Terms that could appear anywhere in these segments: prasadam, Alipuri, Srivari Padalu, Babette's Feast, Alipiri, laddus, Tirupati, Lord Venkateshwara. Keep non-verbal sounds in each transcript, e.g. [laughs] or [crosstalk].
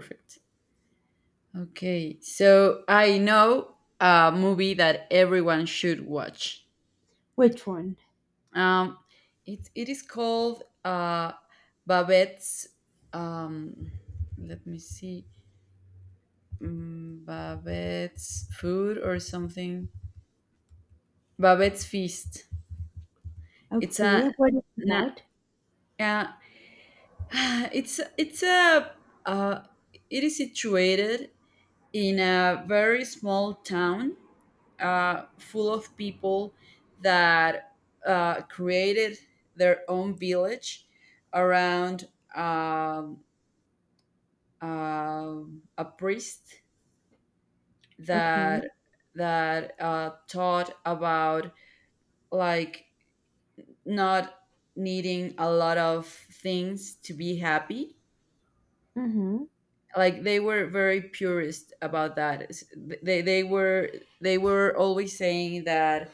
Perfect. Okay, so I know a movie that everyone should watch. Which one? Um, it is called Babette's. Um, let me see, Babette's food or something. Babette's feast. It's a, Okay, what is it na, about? yeah, [sighs] it's a uh, it is situated in a very small town full of people that created their own village around um, a priest Okay. that that taught about like not needing a lot of things to be happy Mm-hmm. like they were very purist about they were they were always saying that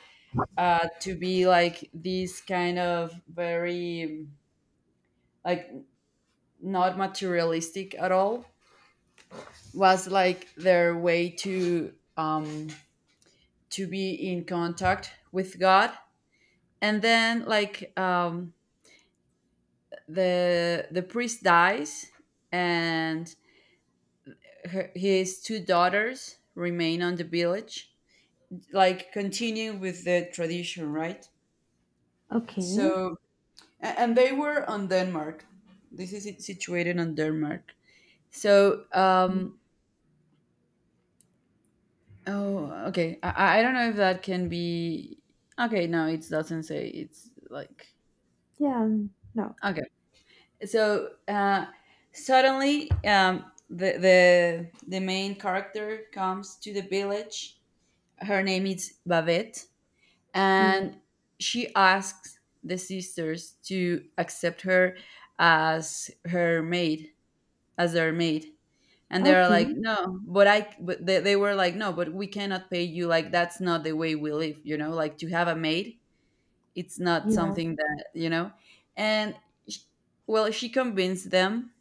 to be like these kind of very like not materialistic at all was like their way to be in contact with god, and then like the priest dies, and his two daughters remain on the village like continue with the tradition, right? Okay. So and they were on Denmark. This is it situated on Denmark. So, oh, okay. I don't know if that can be. Okay, no, it doesn't say. It's like Yeah. No. okay. So suddenly, the main character comes to the village. Her name is Babette, Yeah. and she asks the sisters to accept her as her maid as their maid, and they're like Okay. no but I but they were like no but we cannot pay you, like that's not the way we live, you know, like to have a maid, it's not Yeah. something that, you know. And sh- well she convinced them,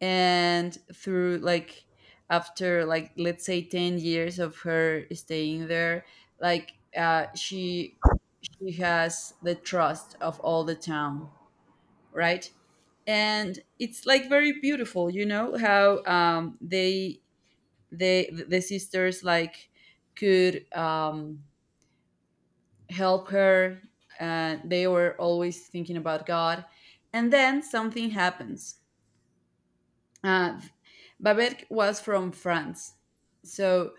and through like after like let's say 10 years of her staying there, like she has the trust of all the town, right? And it's like very beautiful, you know, how they the sisters like could help her, and they were always thinking about God. And then something happens. Uh, Babette was from France, so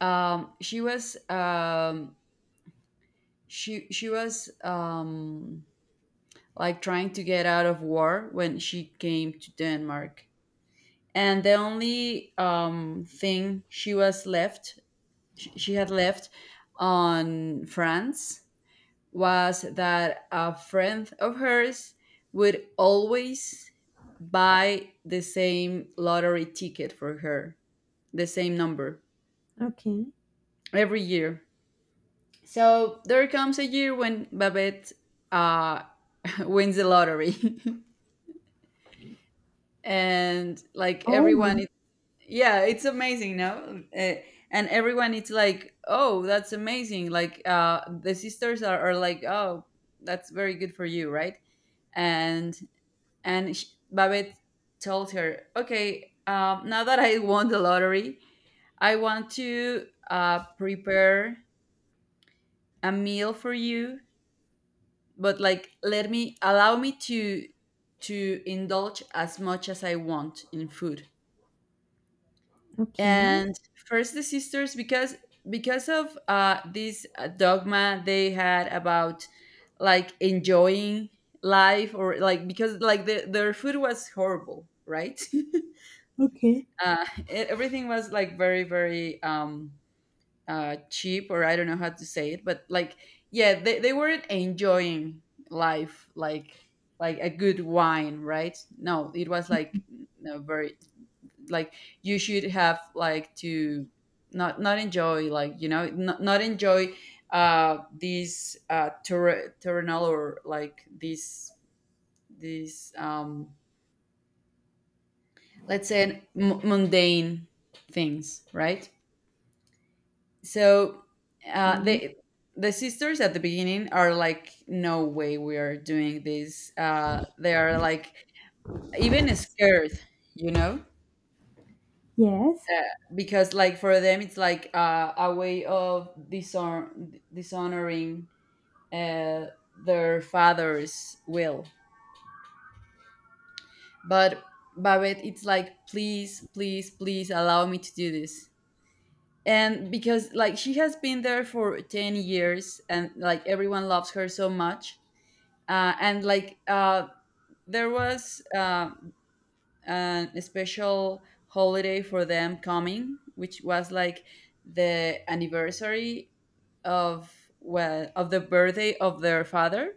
um, she was um, she was like trying to get out of war when she came to Denmark, and the only thing she was she had left on France was that a friend of hers would always buy the same lottery ticket for her, the same number, Okay. every year. So there comes a year when Babette, uh, [laughs] wins the lottery [laughs] and like Oh my. everyone, yeah it's amazing, no, and everyone it's like oh that's amazing, like the sisters are like oh that's very good for you, right? and and sh Babette told her okay, now that I won the lottery I want to prepare a meal for you, but like let me allow me to indulge as much as I want in food. Okay. And first the sisters, because of this dogma they had about like enjoying life, or like because like their food was horrible, right? [laughs] Okay. Everything was like very very cheap, or I don't know how to say it, but like yeah they weren't enjoying life, like a good wine, right? No, it was like, you know, very like you should have like to not enjoy, like you know, not enjoy these terrenal, or like these these let's say mundane things, right? So Okay. they the sisters at the beginning are like no way we are doing this, they are like even scared, you know, Yes. uh, because like for them it's like a way of dishonoring uh, their father's will. But Babette it's like please please please allow me to do this. And because like she has been there for 10 years and like everyone loves her so much, and like there was an special holiday for them coming, which was like the anniversary of, well, of the birthday of their father,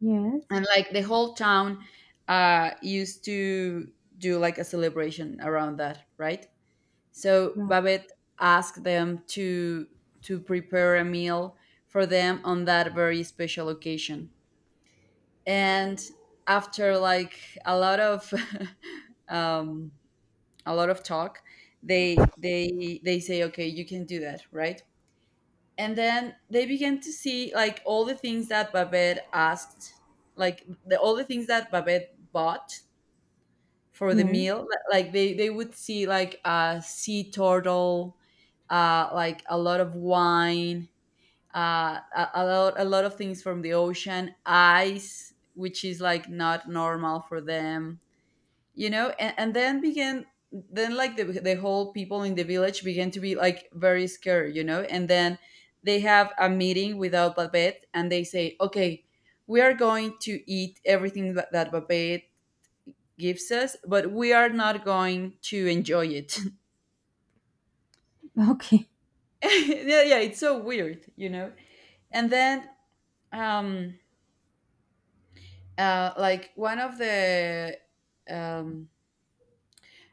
Yes. and like the whole town used to do like a celebration around that, right? So Right. Babette asked them to prepare a meal for them on that very special occasion, and after like a lot of [laughs] um, a lot of talk they say okay you can do that, right? And then they began to see like all the things that Babette asked, like all the things that Babette bought for the Yes. [laughs] meal. Like they would see like a sea turtle, like a lot of wine, a lot of things from the ocean ice, which is like not normal for them, you know. And and, then began then like the whole people in the village began to be like very scared, you know, and then they have a meeting without Babette and they say okay, we are going to eat everything that Babette gives us, but we are not going to enjoy it. Okay. [laughs] Yeah yeah, it's so weird, you know. And then um like um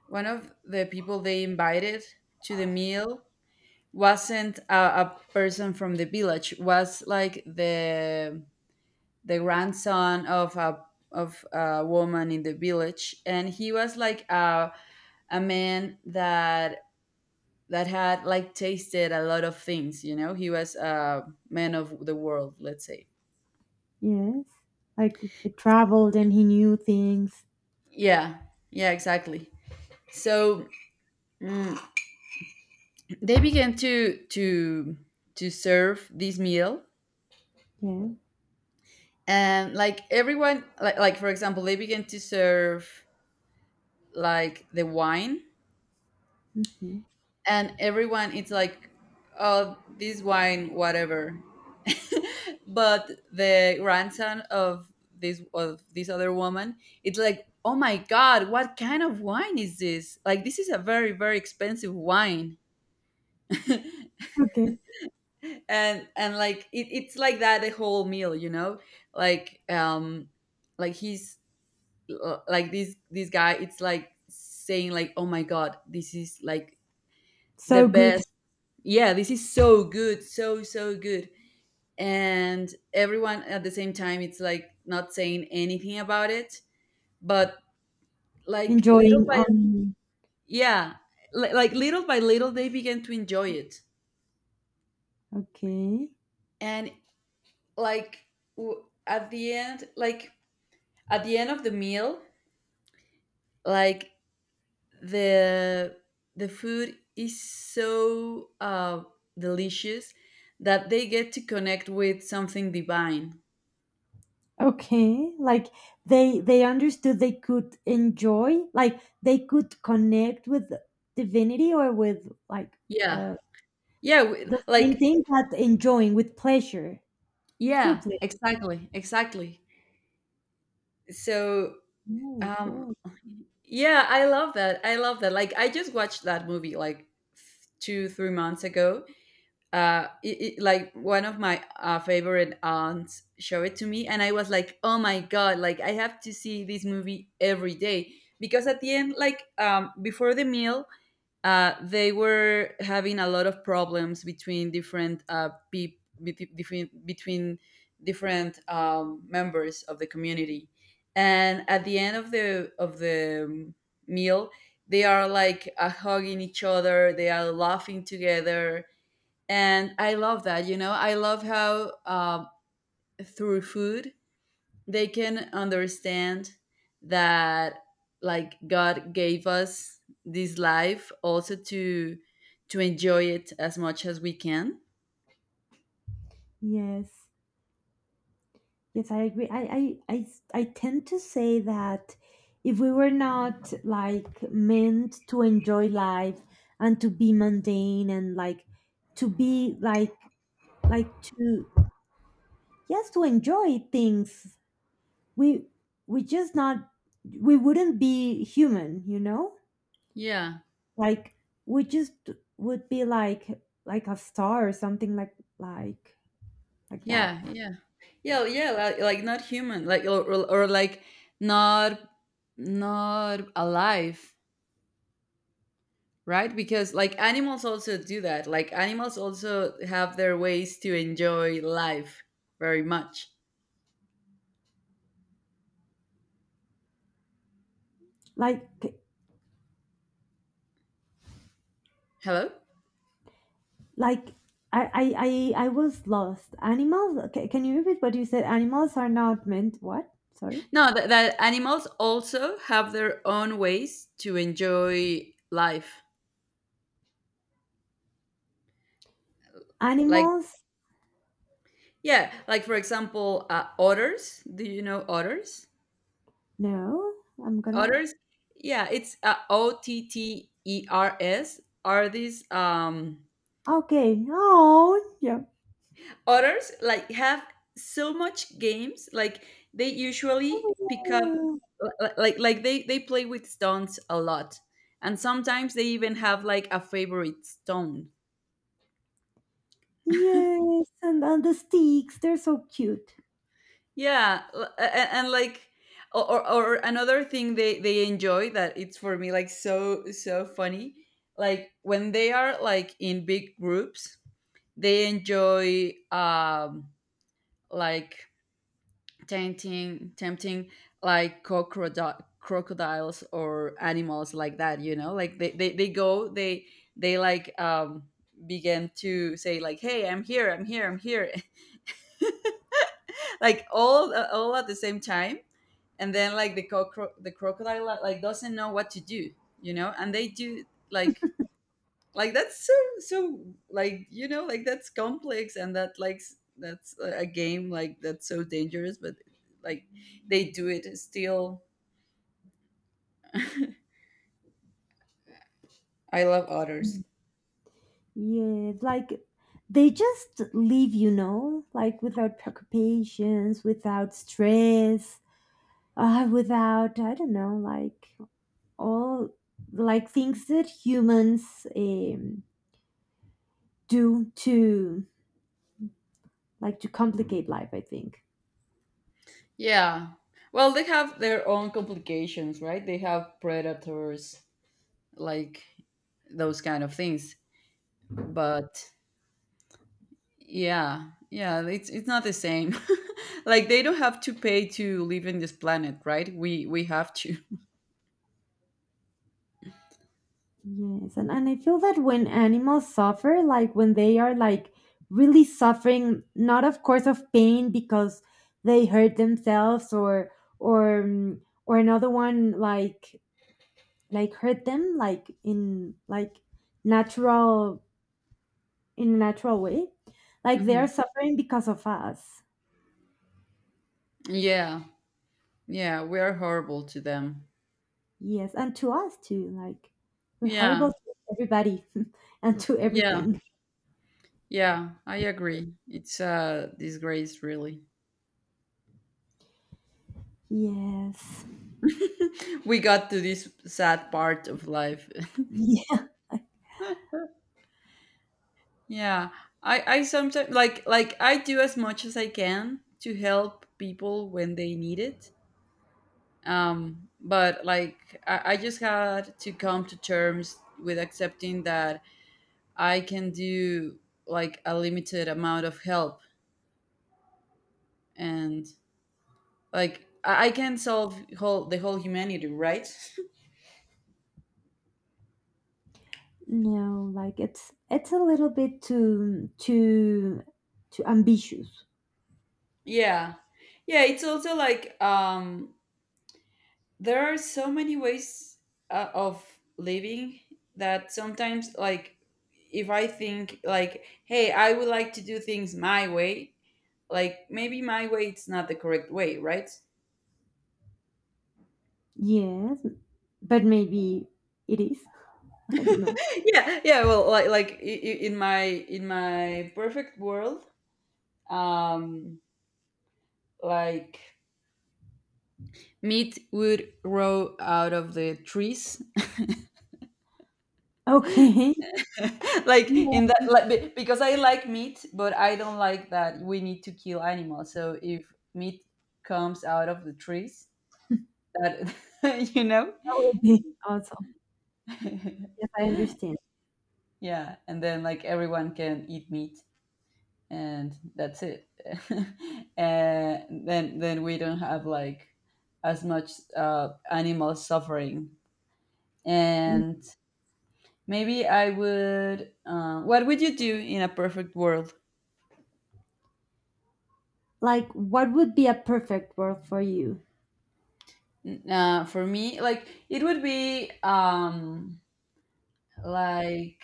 one of the people they invited to the meal wasn't a person from the village, was like the grandson of a woman in the village, and he was like a man that that had like tasted a lot of things, you know, he was a man of the world, let's say. Yes. Like he traveled and he knew things. Yeah yeah, exactly. So, mm, they began to to serve this meal. Yeah. And like everyone like for example they began to serve like the wine, Mm-hmm. and everyone it's like oh this wine whatever. [laughs] But the grandson of this other woman it's like oh my god what kind of wine is this, like this is a very very expensive wine. [laughs] Okay. And like it's like that the whole meal, you know, like like he's like this guy it's like saying like oh my god this is like the So good. best. Yeah this is so good, so so good. And everyone at the same time it's like not saying anything about it, but like little Enjoying by, on. yeah, like little by little they began to enjoy it. Okay. And like at the end like at the end of the meal, like the the food is so delicious that they get to connect with something divine. Okay, like they understood they could enjoy, like they could connect with divinity or with like Yeah the yeah, the same like thing but enjoying with pleasure, true yeah, pleasure. exactly, exactly. So, Oh, um, cool. yeah, I love that. I love that. Like, I just watched that movie like two, 3 months ago. Like one of my favorite aunts showed it to me, and I was like, oh my god! Like, I have to see this movie every day, because at the end, like, before the meal, they were having a lot of problems between different between different members of the community, and at the end of the meal, they are like hugging each other. They are laughing together, and I love that. You know, I love how through food they can understand that like god gave us this life also to enjoy it as much as we can. Yes, yes, I agree. I tend to say that if we were not like meant to enjoy life and to be mundane and like to be like to yes to enjoy things we we just not we wouldn't be human, you know, Yeah like we just would be like a star or something like that yeah. Yeah yeah, yeah, like not human like, or like, not not alive, right? Because like animals also do that, like animals also have their ways to enjoy life very much. like Hello. like I was lost. Animals, okay, can you repeat what you said? Animals are not meant what, sorry? No, that, that animals also have their own ways to enjoy life. Like, Animals, yeah, like for example, otters. Do you know otters? no, I'm gonna Otters, yeah, it's OTTERS. Are these okay. Oh yeah. otters like have so much games? Like they usually pick up, Oh, like they play with stones a lot, and sometimes they even have like a favorite stone. yeah. Yes, and the sticks, they're so cute. Yeah, and, like or, or or another thing they enjoy that it's for me like so so funny. Like when they are like in big groups, they enjoy like tempting like crocodiles or animals like that, you know? Like they go they like begin to say like hey I'm here I'm here I'm here, [laughs] like all at the same time, and then like the crocodile like doesn't know what to do, you know, and they do like like that's so so, like you know like that's complex, and that like that's a game, like that's so dangerous, but like they do it still. I love otters. Yeah, like they just leave, you know, like without preoccupations, without stress, without, I don't know, like all like things that humans do to like to complicate life, I think. Yeah, well they have their own complications, right? They have predators, like those kind of things, but yeah, yeah, it's not the same. [laughs] like they don't have to pay to live in this planet, right? We have to. [laughs] Yes, and I feel that when animals suffer, like when they are like really suffering, not of course of pain because they hurt themselves or or another one like hurt them like in like natural in a natural way, like they are Mhm. suffering because of us. Yeah, yeah, we are horrible to them. Yes, and to us too, like we're horrible Yeah, to everybody. [laughs] And to yeah, everything. yeah, I agree. It's a disgrace, really. Yes, [laughs] We got to this sad part of life. [laughs] yeah. Yeah, I sometimes like I do as much as I can to help people when they need it. But like I just had to come to terms with accepting that I can do like a limited amount of help and like I can solve whole the whole humanity, right? No, like it's a little bit too too ambitious. [laughs] Yeah, yeah, it's also like there are so many ways of living that sometimes like if I think like hey I would like to do things my way. Like maybe my way it's not the correct way, right? Yes, but maybe it is. [laughs] I don't know. Yeah, yeah, well in my perfect world um like meat would grow out of the trees. Okay. [laughs] [laughs] Like in Yeah, that, because I like meat but I don't like that we need to kill animals. So if meat comes out of the trees, that [laughs] you know. that would be awesome. Yes, I [laughs] understand. Yeah, and then like everyone can eat meat, and that's it. [laughs] And then we don't have like as much animal suffering. And maybe I would. What would you do in a perfect world? Like, what would be a perfect world for you? For me, like it would be like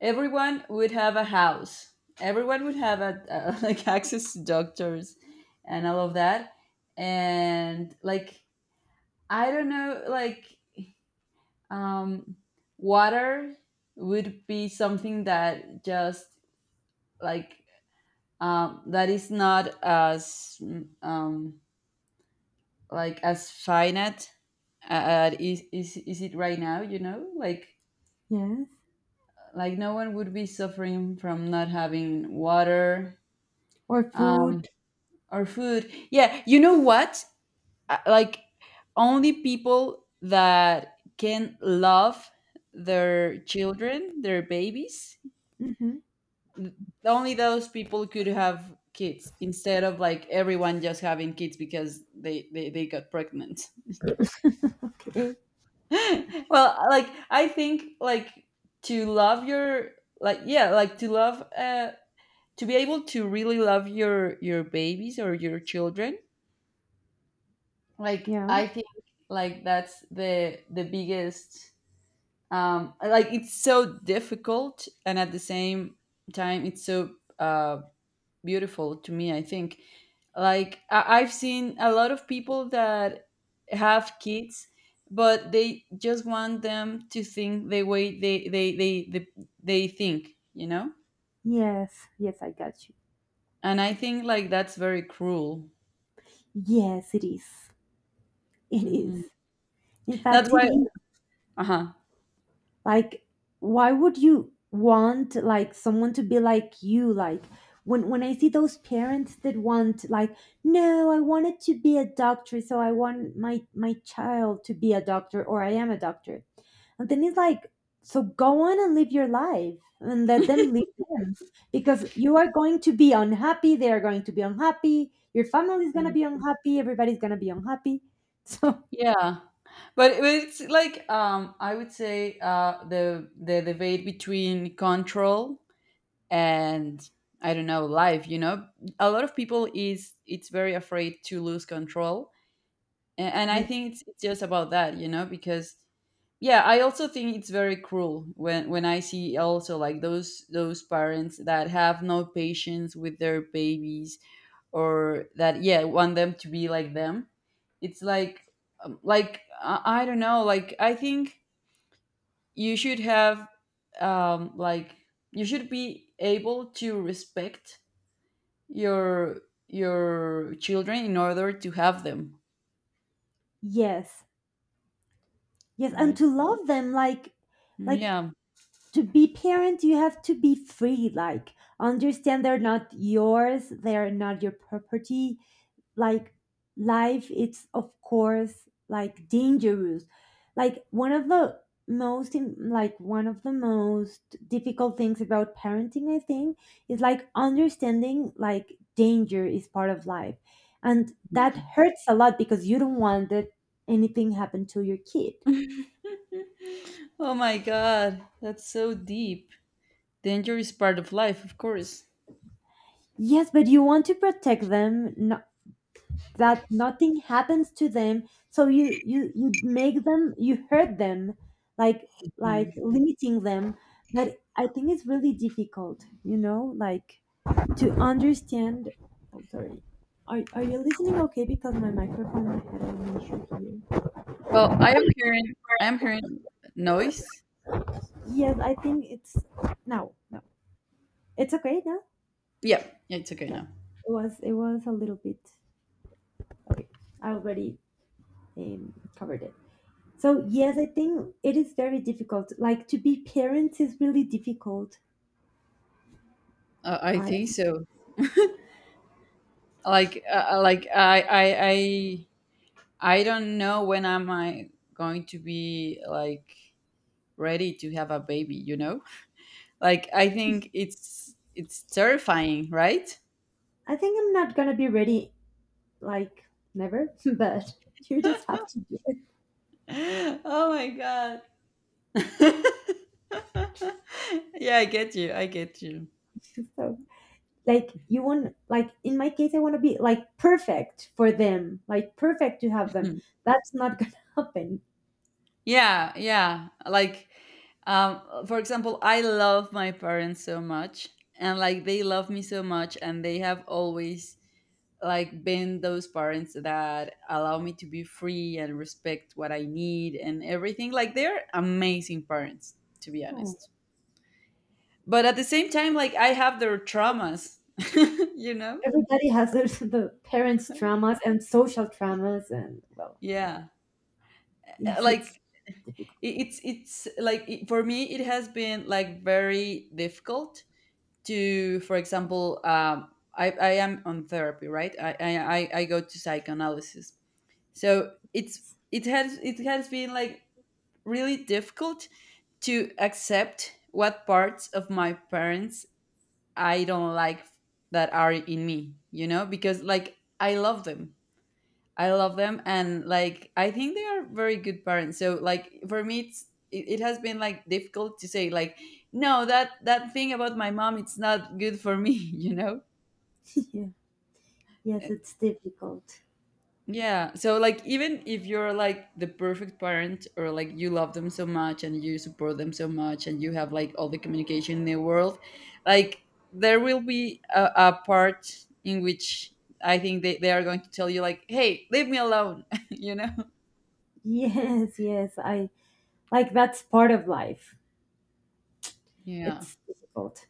everyone would have a house. Everyone would have a [laughs] like access to doctors and all of that. And like I don't know, like um, water would be something that just like that is not as like as finite, is it right now, you know? like Yes. like no one would be suffering from not having water. Or um, food? or food, yeah, you know what? Like only people that can love their children, their babies, Hmm. only those people could have kids, instead of like everyone just having kids because they got pregnant. [laughs] Okay. [laughs] Well, like I think like to love your, like yeah, like to love, uh, to be able to really love your babies or your children. Like Yeah. I think like that's the biggest like it's so difficult, and at the same time it's so uh beautiful to me. I think like I've seen a lot of people that have kids, but they just want them to think the way they think, you know. Yes. Yes, I got you. And I think like that's very cruel. Yes, it is. It is. Hmm. In That's fact, it why. is. Uh-huh. Like, why would you want like someone to be like you? Like, when I see those parents that want like, no, I wanted to be a doctor, so I want my child to be a doctor, or I am a doctor. And then it's like, so go on and live your life and let them live theirs, because you are going to be unhappy. They are going to be unhappy. Your family is going to be unhappy. Everybody's going to be unhappy. [laughs] So, Yeah, but it's like I would say the debate between control and, I don't know, life. You know, a lot of people is it's very afraid to lose control. And I yeah. think it's just about that. You know, because yeah, I also think it's very cruel when I see also like those parents that have no patience with their babies, or that yeah want them to be like them. It's like I don't know, like I think you should have like you should be able to respect your your children in order to have them, Yes. Yes. And right? to love them, like, Yeah. to be parent, you have to be free. Like, understand they're not yours, they're not your property. Like, life it's of course like dangerous. Like one of the like one of the most difficult things about parenting, I think, is like understanding like danger is part of life, and that hurts a lot because you don't want that anything happen to your kid. Oh my god, that's so deep. Danger is part of life, of course. Yes, but you want to protect them, no, that nothing happens to them. So you make them, you hurt them, like like Mm. limiting them. But I think it's really difficult, you know, like to understand. Oh, sorry, are you listening okay? Because my microphone had an issue here. Well, I am hearing, I am hearing noise. Yes, I think it's no, no, it's okay now. Yeah, yeah, it's okay Yeah, now. it was a little bit okay. I already covered it. So yes, I think it is very difficult. Like to be parents is really difficult. I I think so. Like I don't know when am I going to be like ready to have a baby, you know? [laughs] Like I think it's terrifying, right? I think I'm not gonna be ready, like never, [laughs] but you just have to do [laughs] Oh my God. [laughs] Yeah, I get you. I get you. it. [laughs] So like you want, like in my case I wanna be like perfect for them, like perfect to have them. Mhm. That's not gonna [laughs] happen. Yeah, yeah. Like, um, for example, I love my parents so much, and like they love me so much, and they have always like been those parents that allow me to be free and respect what I need and everything. Like they're amazing parents, to be Oh. honest. But at the same time, like I have their traumas, [laughs] you know? Everybody has their, the parents' traumas and social traumas and well, Yeah. Yes, it's Like it- difficult. It's like it, for me it has been like very difficult to, for example, i am on therapy, right? I go to psychoanalysis, so it's it has, it has been like really difficult to accept what parts of my parents I don't like that are in me, you know, because like I love them, I love them, and like I think they are very good parents. So like for me, it's it, it has been like difficult to say like no, that that thing about my mom it's not good for me, [laughs] you know. [laughs] Yeah. Yes, Eh, it's difficult. yeah. So like even if you're like the perfect parent, or like you love them so much and you support them so much and you have like all the communication in the world, like there will be a part in which I think they are going to tell you like, hey, leave me alone, [laughs] you know? Yes, yes. I like that's part of life. Yeah. It's difficult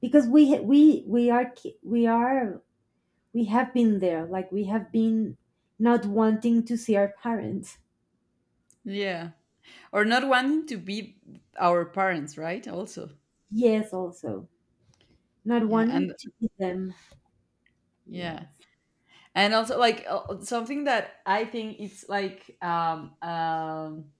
because we are we are we have been there, like we have been not wanting to see our parents. Yeah. Or not wanting to be our parents, right? Also, Yes, also not yeah. wanting And to see them. yeah, Yes, and also like something that I think it's like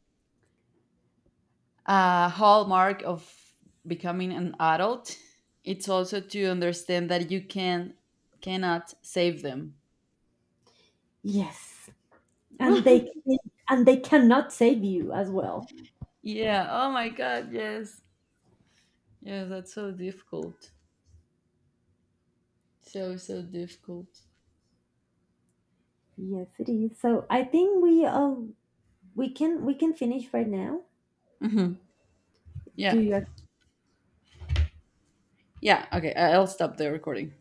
a hallmark of becoming an adult, it's also to understand that you can cannot save them. yes. And they [laughs] can- and they cannot save you as well. Yeah, oh my god, yes. Yeah, that's so difficult. So so difficult. Yes, it is. So I think we can finish right now. Hmm. Do Yeah. you Yeah, okay, I'll stop the recording.